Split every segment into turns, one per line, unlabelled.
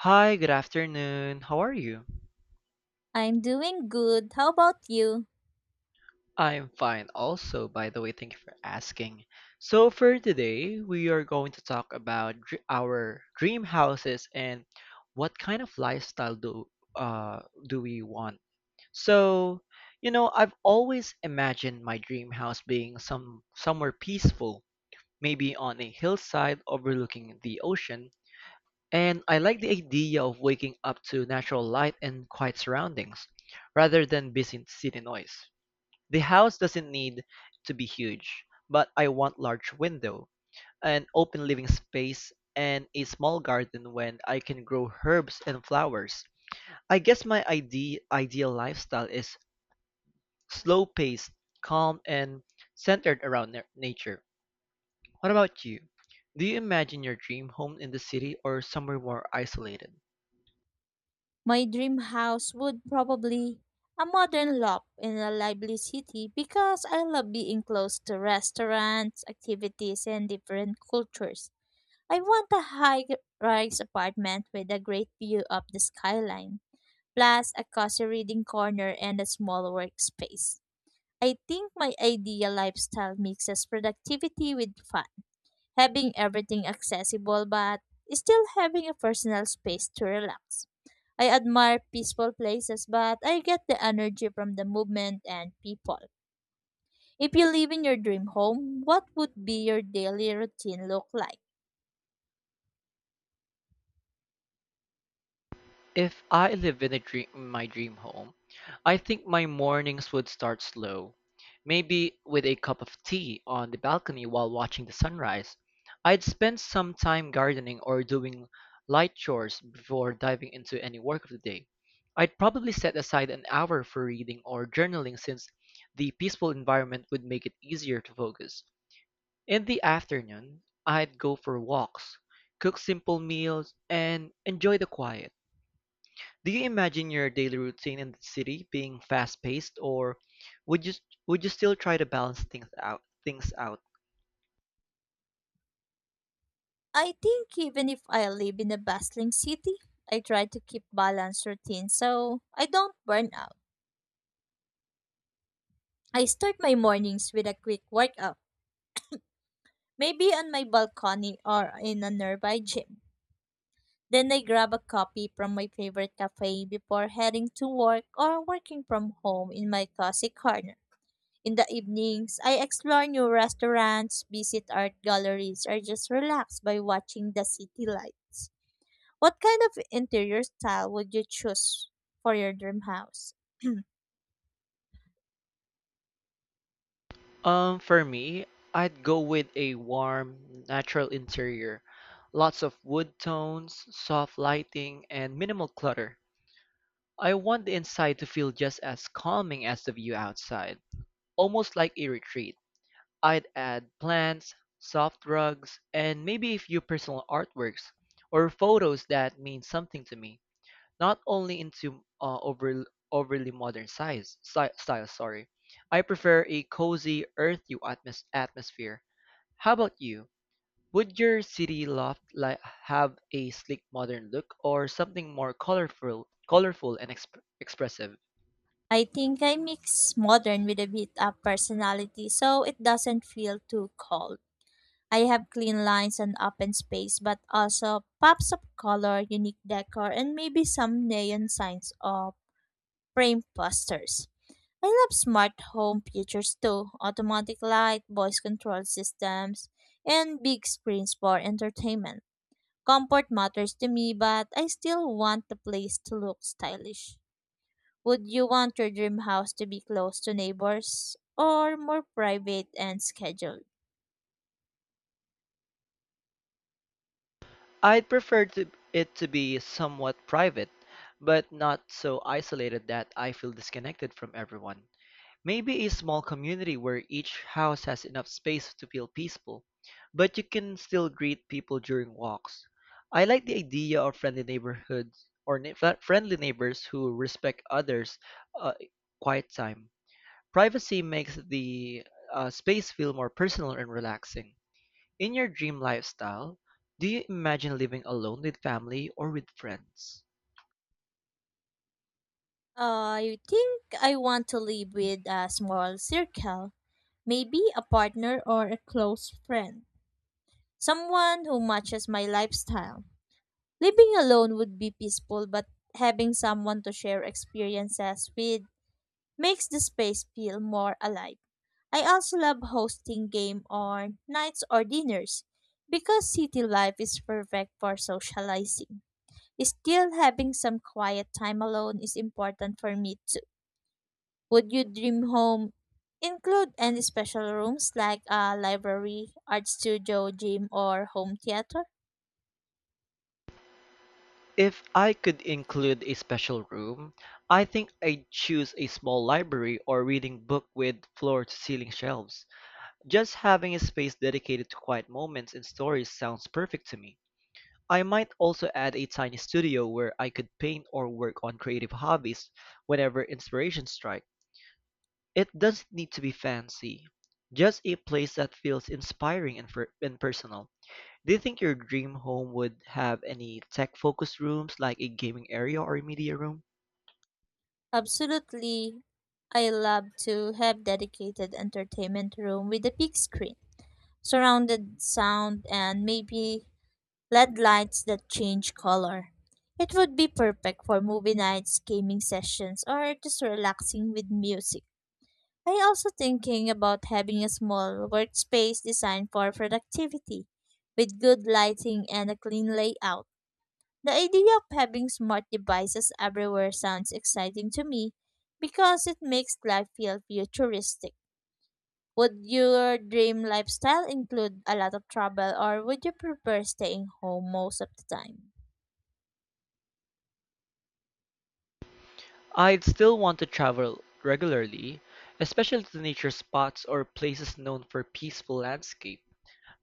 Hi, good afternoon. How are you?
I'm doing good. How about you?
I'm fine also, by the way, thank you for asking. So for today, we are going to talk about our dream houses and what kind of lifestyle uh do we want. So, I've always imagined my dream house being somewhere peaceful, maybe on a hillside overlooking the ocean. And I like the idea of waking up to natural light and quiet surroundings, rather than busy city noise. The house doesn't need to be huge, but I want large window, an open living space, and a small garden when I can grow herbs and flowers. I guess my ideal lifestyle is slow-paced, calm, and centered around nature. What about you? Do you imagine your dream home in the city or somewhere more isolated?
My dream house would probably a modern loft in a lively city because I love being close to restaurants, activities, and different cultures. I want a high-rise apartment with a great view of the skyline, plus a cozy reading corner and a small workspace. I think my ideal lifestyle mixes productivity with fun having everything accessible but still having a personal space to relax. I admire peaceful places, but I get the energy from the movement and people. If you live in your dream home, what would be your daily routine look like?
If I live in a dream, my dream home, I think my mornings would start slow. Maybe with a cup of tea on the balcony while watching the sunrise. I'd spend some time gardening or doing light chores before diving into any work of the day. I'd probably set aside an hour for reading or journaling since the peaceful environment would make it easier to focus. In the afternoon, I'd go for walks, cook simple meals, and enjoy the quiet. Do you imagine your daily routine in the city being fast-paced, or would you would you still try to balance things out?
I think even if I live in a bustling city, I try to keep balanced routine so I don't burn out. I start my mornings with a quick workout, maybe on my balcony or in a nearby gym. Then I grab a copy from my favorite cafe before heading to work or working from home in my cozy corner. In the evenings, I explore new restaurants, visit art galleries, or just relax by watching the city lights. What kind of interior style would you choose for your dream house?
For me, I'd go with a warm, natural interior, lots of wood tones, soft lighting, and minimal clutter. I want the inside to feel just as calming as the view outside, almost like a retreat. I'd add plants, soft rugs, and maybe a few personal artworks or photos that mean something to me. Not only into overly modern size, style. Sorry, I prefer a cozy, earthy atmosphere. How about you? Would your city loft have a sleek, modern look, or something more colorful and expressive?
I think I mix modern with a bit of personality so it doesn't feel too cold. I have clean lines and open space, but also pops of color, unique decor, and maybe some neon signs or frame posters. I love smart home features too, automatic light, voice control systems, and big screens for entertainment. Comfort matters to me, but I still want the place to look stylish. Would you want your dream house to be close to neighbors or more private and scheduled?
I'd prefer it to be somewhat private, but not so isolated that I feel disconnected from everyone. Maybe a small community where each house has enough space to feel peaceful, but you can still greet people during walks. I like the idea of friendly neighborhoods or friendly neighbors who respect others' uh, quiet time. Privacy makes the space feel more personal and relaxing. In your dream lifestyle, do you imagine living alone with family or with friends?
I think I want to live with a small circle, maybe a partner or a close friend, someone who matches my lifestyle. Living alone would be peaceful, but having someone to share experiences with makes the space feel more alive. I also love hosting game or nights or dinners because city life is perfect for socializing. Still having some quiet time alone is important for me too. Would your dream home include any special rooms like a library, art studio, gym, or home theater?
If I could include a special room, I think I'd choose a small library or reading book with floor-to-ceiling shelves. Just having a space dedicated to quiet moments and stories sounds perfect to me. I might also add a tiny studio where I could paint or work on creative hobbies whenever inspiration strikes. It doesn't need to be fancy, just a place that feels inspiring and personal. Do you think your dream home would have any tech-focused rooms like a gaming area or a media room?
Absolutely. I love to have dedicated entertainment room with a big screen, surrounded sound and maybe LED lights that change color. It would be perfect for movie nights, gaming sessions, or just relaxing with music. I also thinking about having a small workspace designed for productivity with good lighting and a clean layout. The idea of having smart devices everywhere sounds exciting to me because it makes life feel futuristic. Would your dream lifestyle include a lot of travel or would you prefer staying home most of the time?
I'd still want to travel regularly, especially to nature spots or places known for peaceful landscape.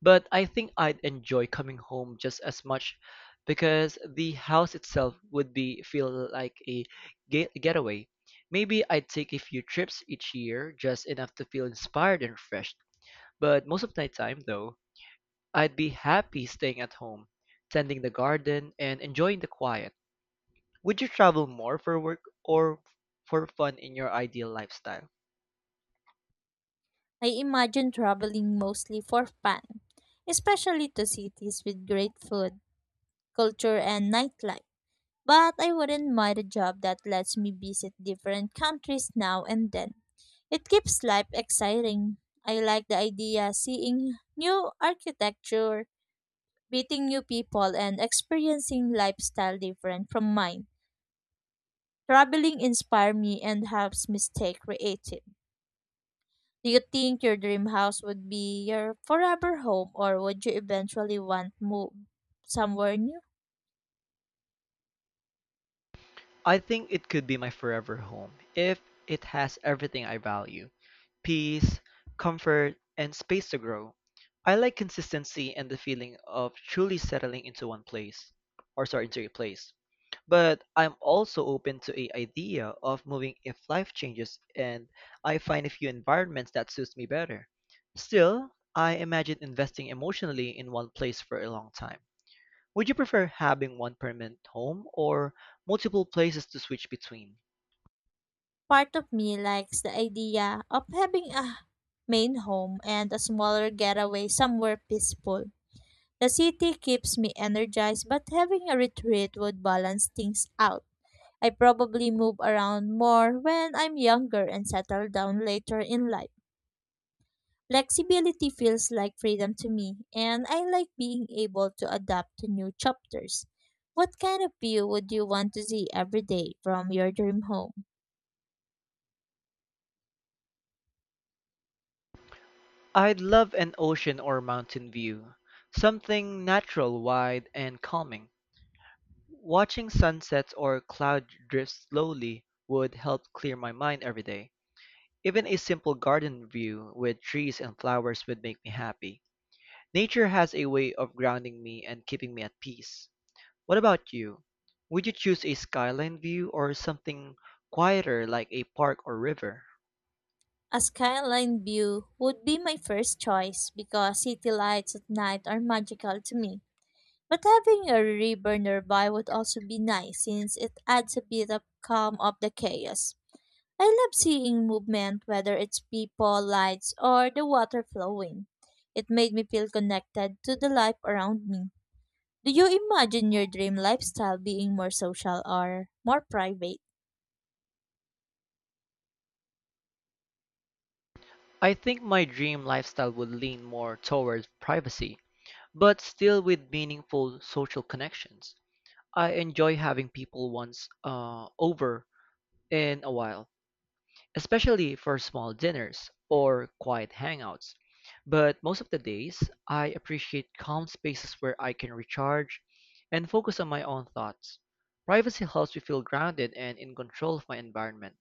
But I think I'd enjoy coming home just as much because the house itself would be feel like a getaway. Maybe I'd take a few trips each year, just enough to feel inspired and refreshed. But most of the time though, I'd be happy staying at home, tending the garden and enjoying the quiet. Would you travel more for work or for fun in your ideal lifestyle?
I imagine traveling mostly for fun, especially to cities with great food, culture, and nightlife. But I wouldn't mind a job that lets me visit different countries now and then. It keeps life exciting. I like the idea seeing new architecture, meeting new people and experiencing lifestyle different from mine. Traveling inspires me and helps me stay creative. Do you think your dream house would be your forever home or would you eventually want to move somewhere new?
I think it could be my forever home if it has everything I value: peace, comfort, and space to grow. I like consistency and the feeling of truly settling into one place, or sorry, into a place. But I'm also open to a idea of moving if life changes and I find a few environments that suits me better. Still, I imagine investing emotionally in one place for a long time. Would you prefer having one permanent home or multiple places to switch between?
Part of me likes the idea of having a main home and a smaller getaway somewhere peaceful. The city keeps me energized, but having a retreat would balance things out. I probably move around more when I'm younger and settle down later in life. Flexibility feels like freedom to me, and I like being able to adapt to new chapters. What kind of view would you want to see every day from your dream home?
I'd love an ocean or mountain view, something natural, wide, and calming. Watching sunsets or cloud drift slowly would help clear my mind every day. Even a simple garden view with trees and flowers would make me happy. Nature has a way of grounding me and keeping me at peace. What about you? Would you choose a skyline view or something quieter like a park or river?
A skyline view would be my first choice because city lights at night are magical to me. But having a river nearby would also be nice since it adds a bit of calm of the chaos. I love seeing movement, whether it's people, lights, or the water flowing. It made me feel connected to the life around me. Do you imagine your dream lifestyle being more social or more private?
I think my dream lifestyle would lean more towards privacy, but still with meaningful social connections. I enjoy having people once over in a while, especially for small dinners or quiet hangouts. But most of the days, I appreciate calm spaces where I can recharge and focus on my own thoughts. Privacy helps me feel grounded and in control of my environment.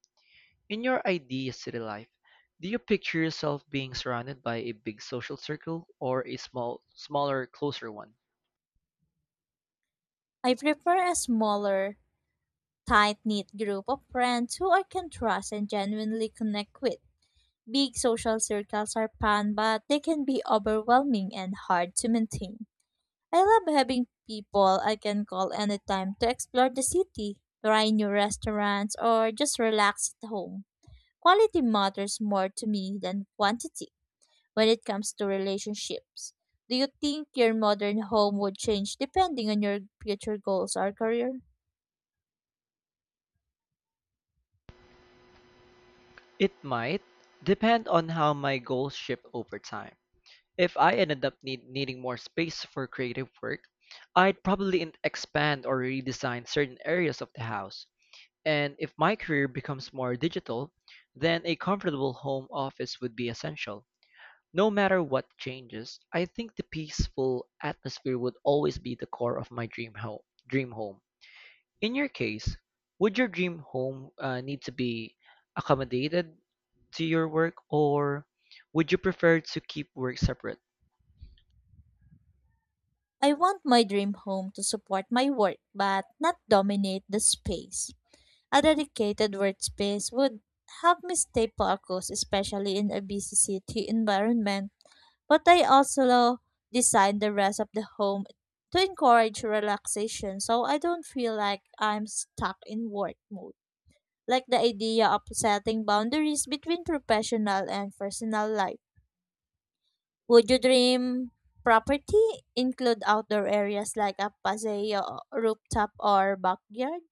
In your ideal city life, do you picture yourself being surrounded by a big social circle or a smaller, closer one?
I prefer a smaller, tight knit group of friends who I can trust and genuinely connect with. Big social circles are fun, but they can be overwhelming and hard to maintain. I love having people I can call anytime to explore the city, try new restaurants, or just relax at home. Quality matters more to me than quantity when it comes to relationships. Do you think your modern home would change depending on your future goals or career?
It might depend on how my goals shift over time. If I ended up needing more space for creative work, I'd probably expand or redesign certain areas of the house. And if my career becomes more digital, then a comfortable home office would be essential. No matter what changes, I think the peaceful atmosphere would always be the core of my dream home. In your case, would your dream home need to be accommodated to your work, or would you prefer to keep work separate?
I want my dream home to support my work but not dominate the space. A dedicated workspace would help me stay focused, especially in a busy city environment. But I also design the rest of the home to encourage relaxation so I don't feel like I'm stuck in work mode. Like the idea of setting boundaries between professional and personal life. Would your dream property include outdoor areas like a paseo, rooftop, or backyard?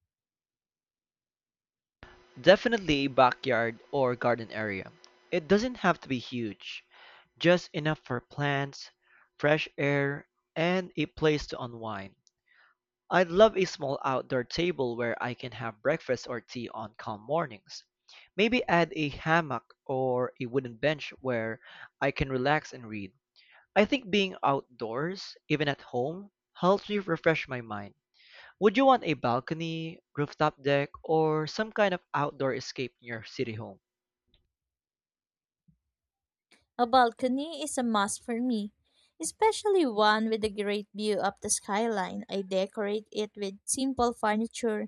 Definitely a backyard or garden area. It doesn't have to be huge, just enough for plants, fresh air, and a place to unwind. I'd love a small outdoor table where I can have breakfast or tea on calm mornings. Maybe add a hammock or a wooden bench where I can relax and read. I think being outdoors, even at home, helps me refresh my mind. Would you want a balcony, rooftop deck, or some kind of outdoor escape near your city home?
A balcony is a must for me, especially one with a great view of the skyline. I decorate it with simple furniture,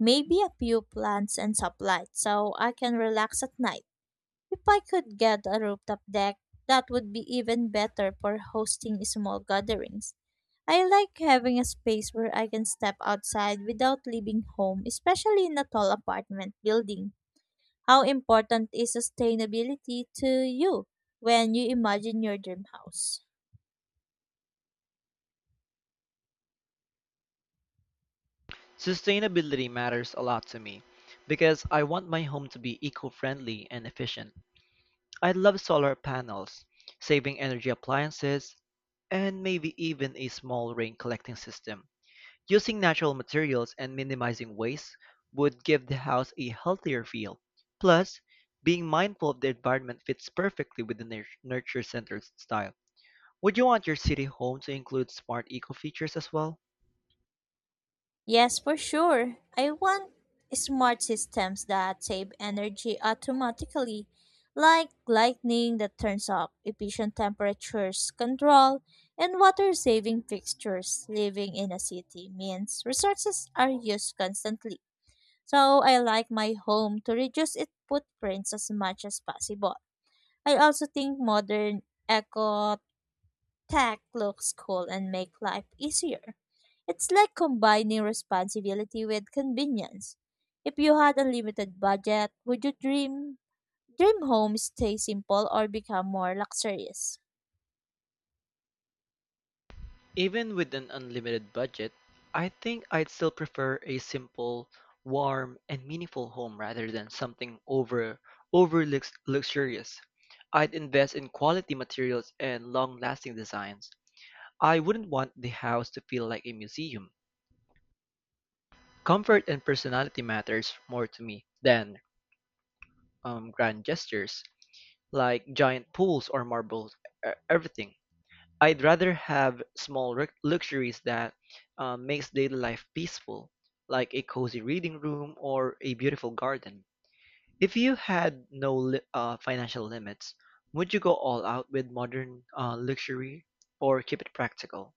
maybe a few plants and supplies, so I can relax at night. If I could get a rooftop deck, that would be even better for hosting small gatherings. I like having a space where I can step outside without leaving home, especially in a tall apartment building. How important is sustainability to you when you imagine your dream house?
Sustainability matters a lot to me because I want my home to be eco-friendly and efficient. I love solar panels, saving energy appliances, and maybe even a small rain collecting system. Using natural materials and minimizing waste would give the house a healthier feel. Plus, being mindful of the environment fits perfectly with the nurture center style. Would you want your city home to include smart eco features as well?
Yes, for sure. I want smart systems that save energy automatically, like lighting that turns off, efficient temperatures control, and water saving fixtures. Living in a city means resources are used constantly. So I like my home to reduce its footprints as much as possible. I also think modern eco tech looks cool and make life easier. It's like combining responsibility with convenience. If you had unlimited budget, would you dream home stay simple or become more luxurious?
Even with an unlimited budget, I think I'd still prefer a simple, warm, and meaningful home rather than something overly luxurious. I'd invest in quality materials and long-lasting designs. I wouldn't want the house to feel like a museum. Comfort and personality matters more to me than grand gestures like giant pools or marble everything. I'd rather have small luxuries that makes daily life peaceful, like a cozy reading room or a beautiful garden. If you had no financial limits, would you go all out with modern luxury or keep it practical?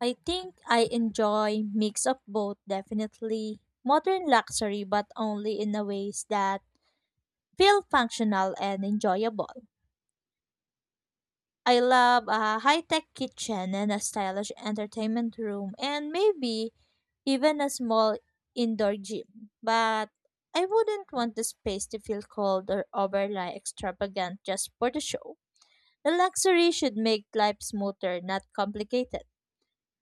I think I enjoy mix of both definitely. Modern luxury but only in a ways that feel functional and enjoyable. I love a high tech kitchen and a stylish entertainment room and maybe even a small indoor gym. But I wouldn't want the space to feel cold or overly extravagant just for the show. The luxury should make life smoother, not complicated.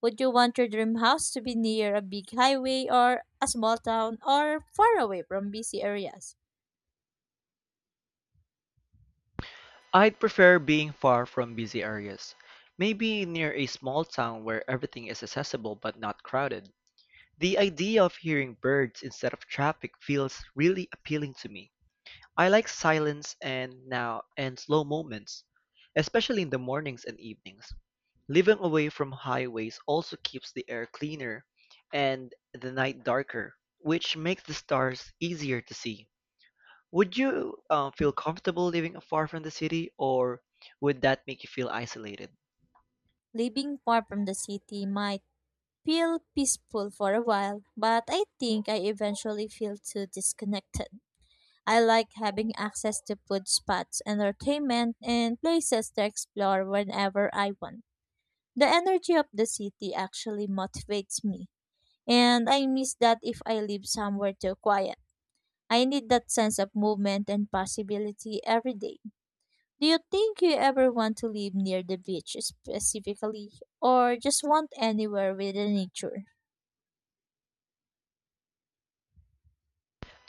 Would you want your dream house to be near a big highway or a small town or far away from busy areas?
I'd prefer being far from busy areas, maybe near a small town where everything is accessible but not crowded. The idea of hearing birds instead of traffic feels really appealing to me. I like silence and now and slow moments, especially in the mornings and evenings. Living away from highways also keeps the air cleaner and the night darker, which makes the stars easier to see. Would you feel comfortable living far from the city, or would that make you feel isolated?
Living far from the city might feel peaceful for a while, but I think I eventually feel too disconnected. I like having access to food spots, entertainment, and places to explore whenever I want. The energy of the city actually motivates me, and I miss that if I live somewhere too quiet. I need that sense of movement and possibility every day. Do you think you ever want to live near the beach specifically, or just want anywhere with the nature?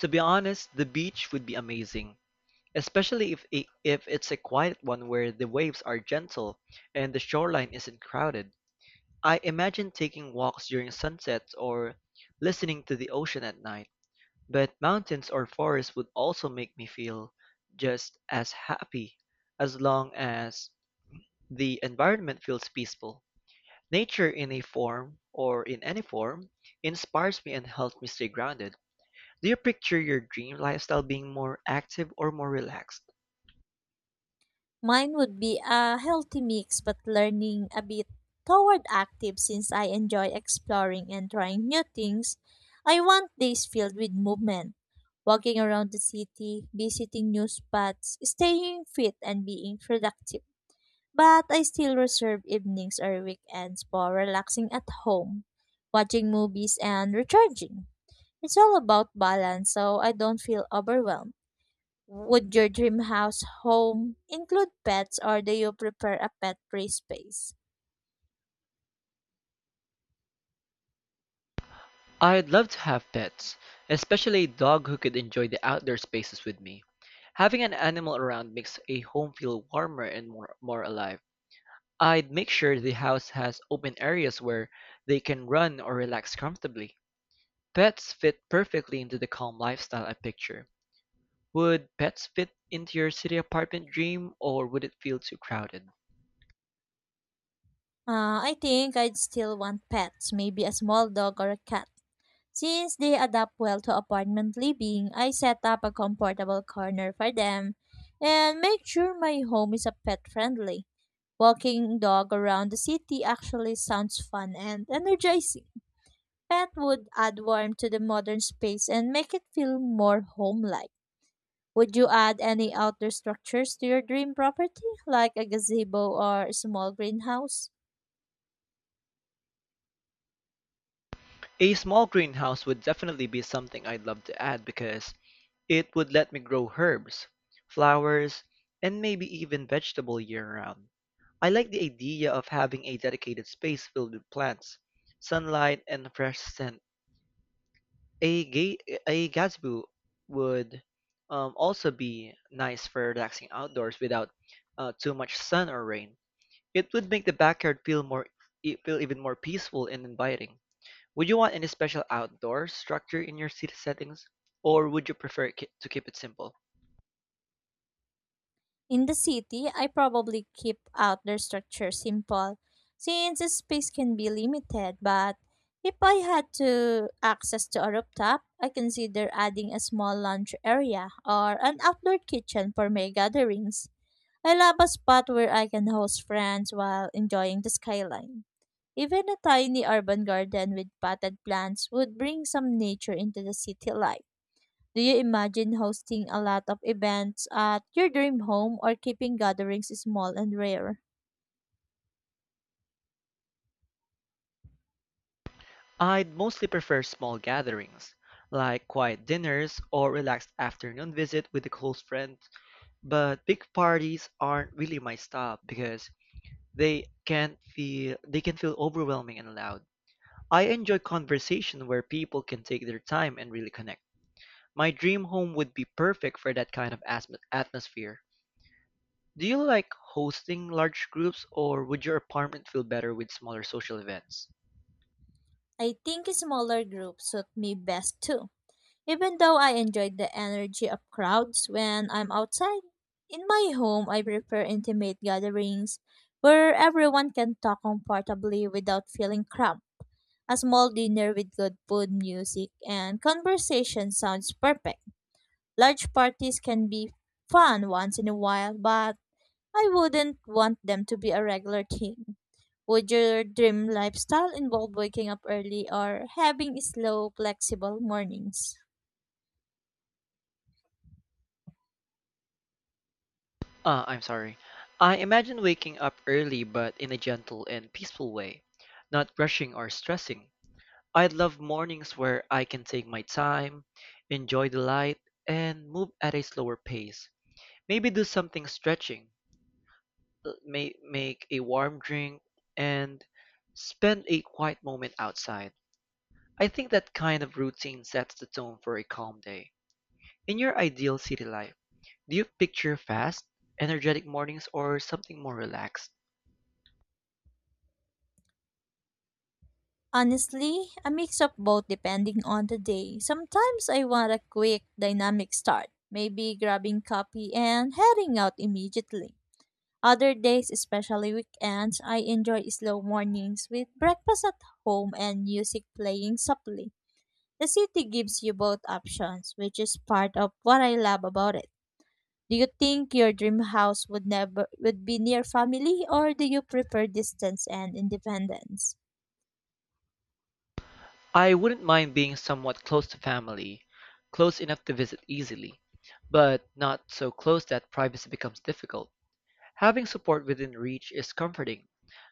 To be honest, the beach would be amazing, especially if it's a quiet one where the waves are gentle and the shoreline isn't crowded. I imagine taking walks during sunsets or listening to the ocean at night. But mountains or forests would also make me feel just as happy as long as the environment feels peaceful. Nature in any form inspires me and helps me stay grounded. Do you picture your dream lifestyle being more active or more relaxed?
Mine would be a healthy mix, but learning a bit toward active since I enjoy exploring and trying new things. I want days filled with movement, walking around the city, visiting new spots, staying fit, and being productive. But I still reserve evenings or weekends for relaxing at home, watching movies, and recharging. It's all about balance, so I don't feel overwhelmed. Would your dream house home include pets or do you prefer a pet free space?
I'd love to have pets, especially a dog who could enjoy the outdoor spaces with me. Having an animal around makes a home feel warmer and more alive. I'd make sure the house has open areas where they can run or relax comfortably. Pets fit perfectly into the calm lifestyle I picture. Would pets fit into your city apartment dream or would it feel too crowded?
I think I'd still want pets, maybe a small dog or a cat. Since they adapt well to apartment living, I set up a comfortable corner for them and make sure my home is a pet friendly. Walking dog around the city actually sounds fun and energizing. Pet would add warmth to the modern space and make it feel more home-like. Would you add any outdoor structures to your dream property, like a gazebo or a small greenhouse?
A small greenhouse would definitely be something I'd love to add because it would let me grow herbs, flowers, and maybe even vegetable year-round. I like the idea of having a dedicated space filled with plants, sunlight, and fresh scent. A, ga- a gazebo would also be nice for relaxing outdoors without too much sun or rain. It would make the backyard feel feel even more peaceful and inviting. Would you want any special outdoor structure in your city settings, or would you prefer to keep it simple?
In the city, I probably keep outdoor structures simple since the space can be limited, but if I had to access to a rooftop, I consider adding a small lounge area or an outdoor kitchen for my gatherings. I love a spot where I can host friends while enjoying the skyline. Even a tiny urban garden with potted plants would bring some nature into the city life. Do you imagine hosting a lot of events at your dream home or keeping gatherings small and rare?
I'd mostly prefer small gatherings, like quiet dinners or relaxed afternoon visit with a close friend, but big parties aren't really my style because they can feel overwhelming and loud. I enjoy conversation where people can take their time and really connect. My dream home would be perfect for that kind of atmosphere. Do you like hosting large groups or would your apartment feel better with smaller social events?
I think smaller groups suit me best too. Even though I enjoyed the energy of crowds when I'm outside, in my home I prefer intimate gatherings where everyone can talk comfortably without feeling cramped. A small dinner with good food, music, and conversation sounds perfect. Large parties can be fun once in a while, but I wouldn't want them to be a regular thing. Would your dream lifestyle involve waking up early or having slow, flexible mornings?
I'm sorry. I imagine waking up early but in a gentle and peaceful way, not rushing or stressing. I'd love mornings where I can take my time, enjoy the light, and move at a slower pace. Maybe do something stretching, may make a warm drink, and spend a quiet moment outside. I think that kind of routine sets the tone for a calm day. In your ideal city life, do you picture fast, energetic mornings or something more relaxed?
Honestly, a mix of both depending on the day. Sometimes I want a quick, dynamic start, maybe grabbing coffee and heading out immediately. Other days, especially weekends, I enjoy slow mornings with breakfast at home and music playing softly. The city gives you both options, which is part of what I love about it. Do you think your dream house would never would be near family or do you prefer distance and independence?
I wouldn't mind being somewhat close to family, close enough to visit easily, but not so close that privacy becomes difficult. Having support within reach is comforting,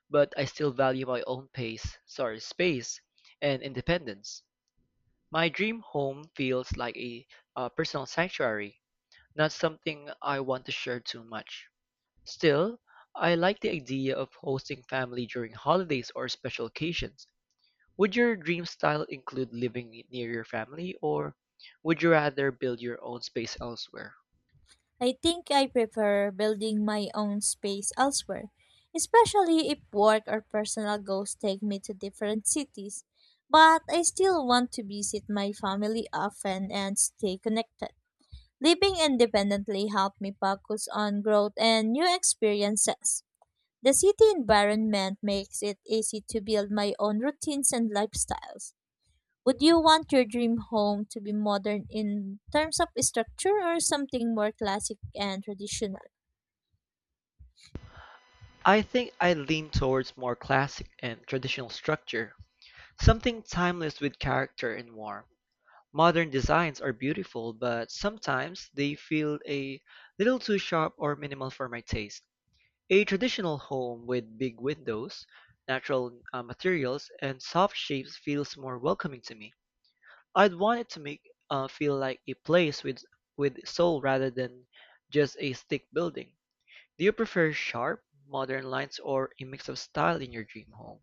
but I still value my own pace, sorry, space and independence. My dream home feels like a personal sanctuary, not something I want to share too much. Still, I like the idea of hosting family during holidays or special occasions. Would your dream style include living near your family, or would you rather build your own space elsewhere?
I think I prefer building my own space elsewhere, especially if work or personal goals take me to different cities. But I still want to visit my family often and stay connected. Living independently helped me focus on growth and new experiences. The city environment makes it easy to build my own routines and lifestyles. Would you want your dream home to be modern in terms of structure or something more classic and traditional?
I think I lean towards more classic and traditional structure, something timeless with character and warmth. Modern designs are beautiful, but sometimes they feel a little too sharp or minimal for my taste. A traditional home with big windows, natural materials, and soft shapes feels more welcoming to me. I'd want it to make feel like a place with soul rather than just a stick building. Do you prefer sharp, modern lines or a mix of style in your dream home?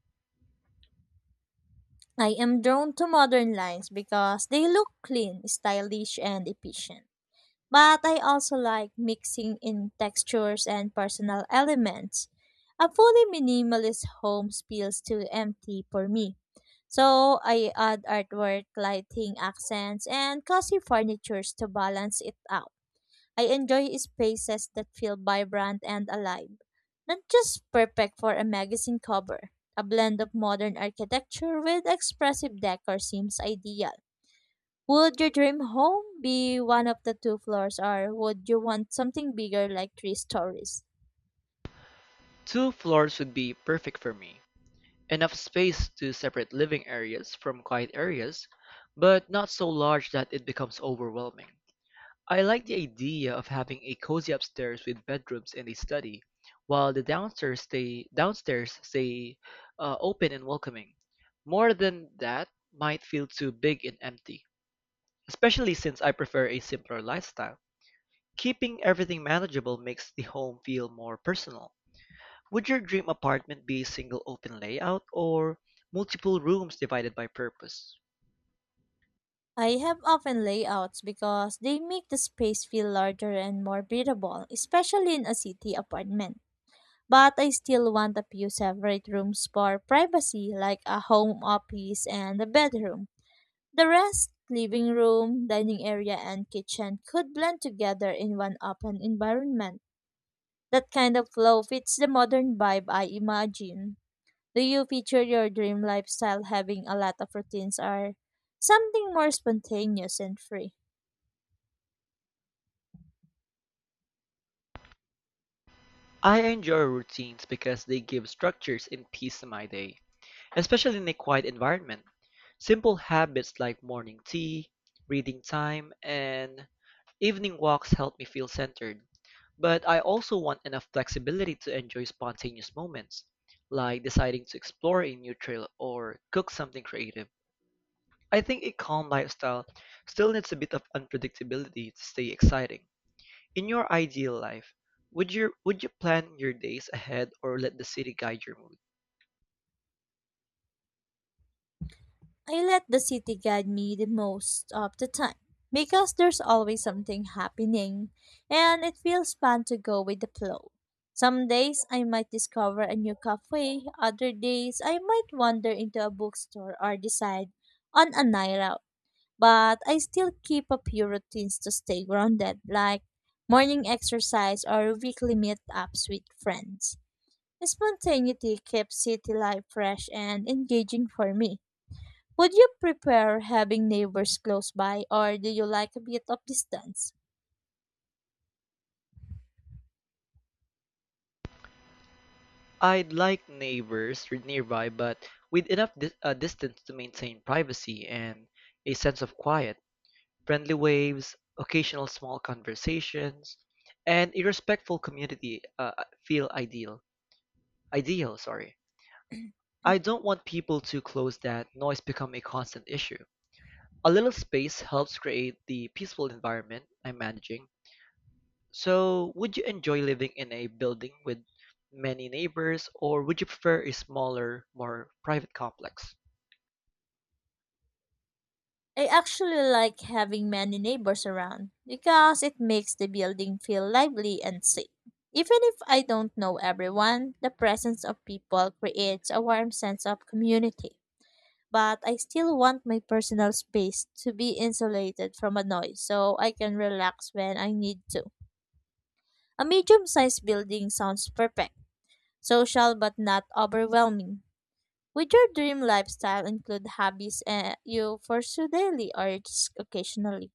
I am drawn to modern lines because they look clean, stylish, and efficient. But I also like mixing in textures and personal elements. A fully minimalist home feels too empty for me. So I add artwork, lighting, accents, and cozy furnitures to balance it out. I enjoy spaces that feel vibrant and alive, not just perfect for a magazine cover. A blend of modern architecture with expressive decor seems ideal. Would your dream home be one of the two floors, or would you want something bigger like three stories?
Two floors would be perfect for me. Enough space to separate living areas from quiet areas, but not so large that it becomes overwhelming. I like the idea of having a cozy upstairs with bedrooms and a study, while the downstairs stay open and welcoming. More than that might feel too big and empty, especially since I prefer a simpler lifestyle. Keeping everything manageable makes the home feel more personal. Would your dream apartment be a single open layout or multiple rooms divided by purpose?
I have open layouts because they make the space feel larger and more breathable, especially in a city apartment. But I still want a few separate rooms for privacy, like a home office and a bedroom. The rest, living room, dining area, and kitchen, could blend together in one open environment. That kind of flow fits the modern vibe I imagine. Do you picture your dream lifestyle having a lot of routines or something more spontaneous and free?
I enjoy routines because they give structures and peace to my day, especially in a quiet environment. Simple habits like morning tea, reading time, and evening walks help me feel centered. But I also want enough flexibility to enjoy spontaneous moments, like deciding to explore a new trail or cook something creative. I think a calm lifestyle still needs a bit of unpredictability to stay exciting. In your ideal life, would you plan your days ahead or let the city guide your mood?
I let the city guide me the most of the time because there's always something happening and it feels fun to go with the flow. Some days I might discover a new cafe, other days I might wander into a bookstore or decide on a night out. But I still keep a few routines to stay grounded, like morning exercise or weekly meetups with friends. Spontaneity keeps city life fresh and engaging for me. Would you prefer having neighbors close by, or do you like a bit of distance?
I'd like neighbors nearby, but with enough distance to maintain privacy and a sense of quiet, friendly waves, occasional small conversations, and a respectful community feel ideal. Ideal, sorry.
I
I don't want people too close that noise become a constant issue. A little space helps create the peaceful environment I'm managing. So, would you enjoy living in a building with many neighbors, or would you prefer a smaller, more private complex?
actually like having many neighbors around because it makes the building feel lively and safe. Even if I don't know everyone, the presence of people creates a warm sense of community. But I still want my personal space to be insulated from a noise so I can relax when I need to. A medium sized building sounds perfect, social but not overwhelming. Would your dream lifestyle include hobbies you pursue daily or just occasionally?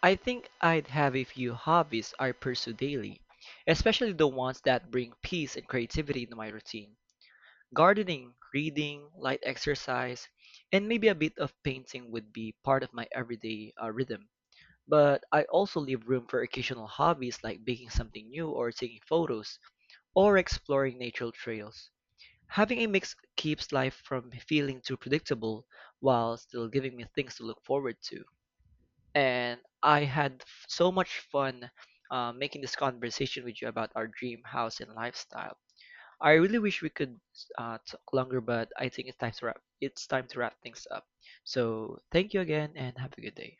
I think I'd have a few hobbies I pursue daily, especially the ones that bring peace and creativity into my routine. Gardening, reading, light exercise, and maybe a bit of painting would be part of my everyday rhythm. But I also leave room for occasional hobbies like baking something new or taking photos or exploring natural trails. Having a mix keeps life from feeling too predictable while still giving me things to look forward to. And I had so much fun making this conversation with you about our dream house and lifestyle. I really wish we could talk longer, but I think it's time to wrap. It's time to wrap things up. So thank you again, and have a good day.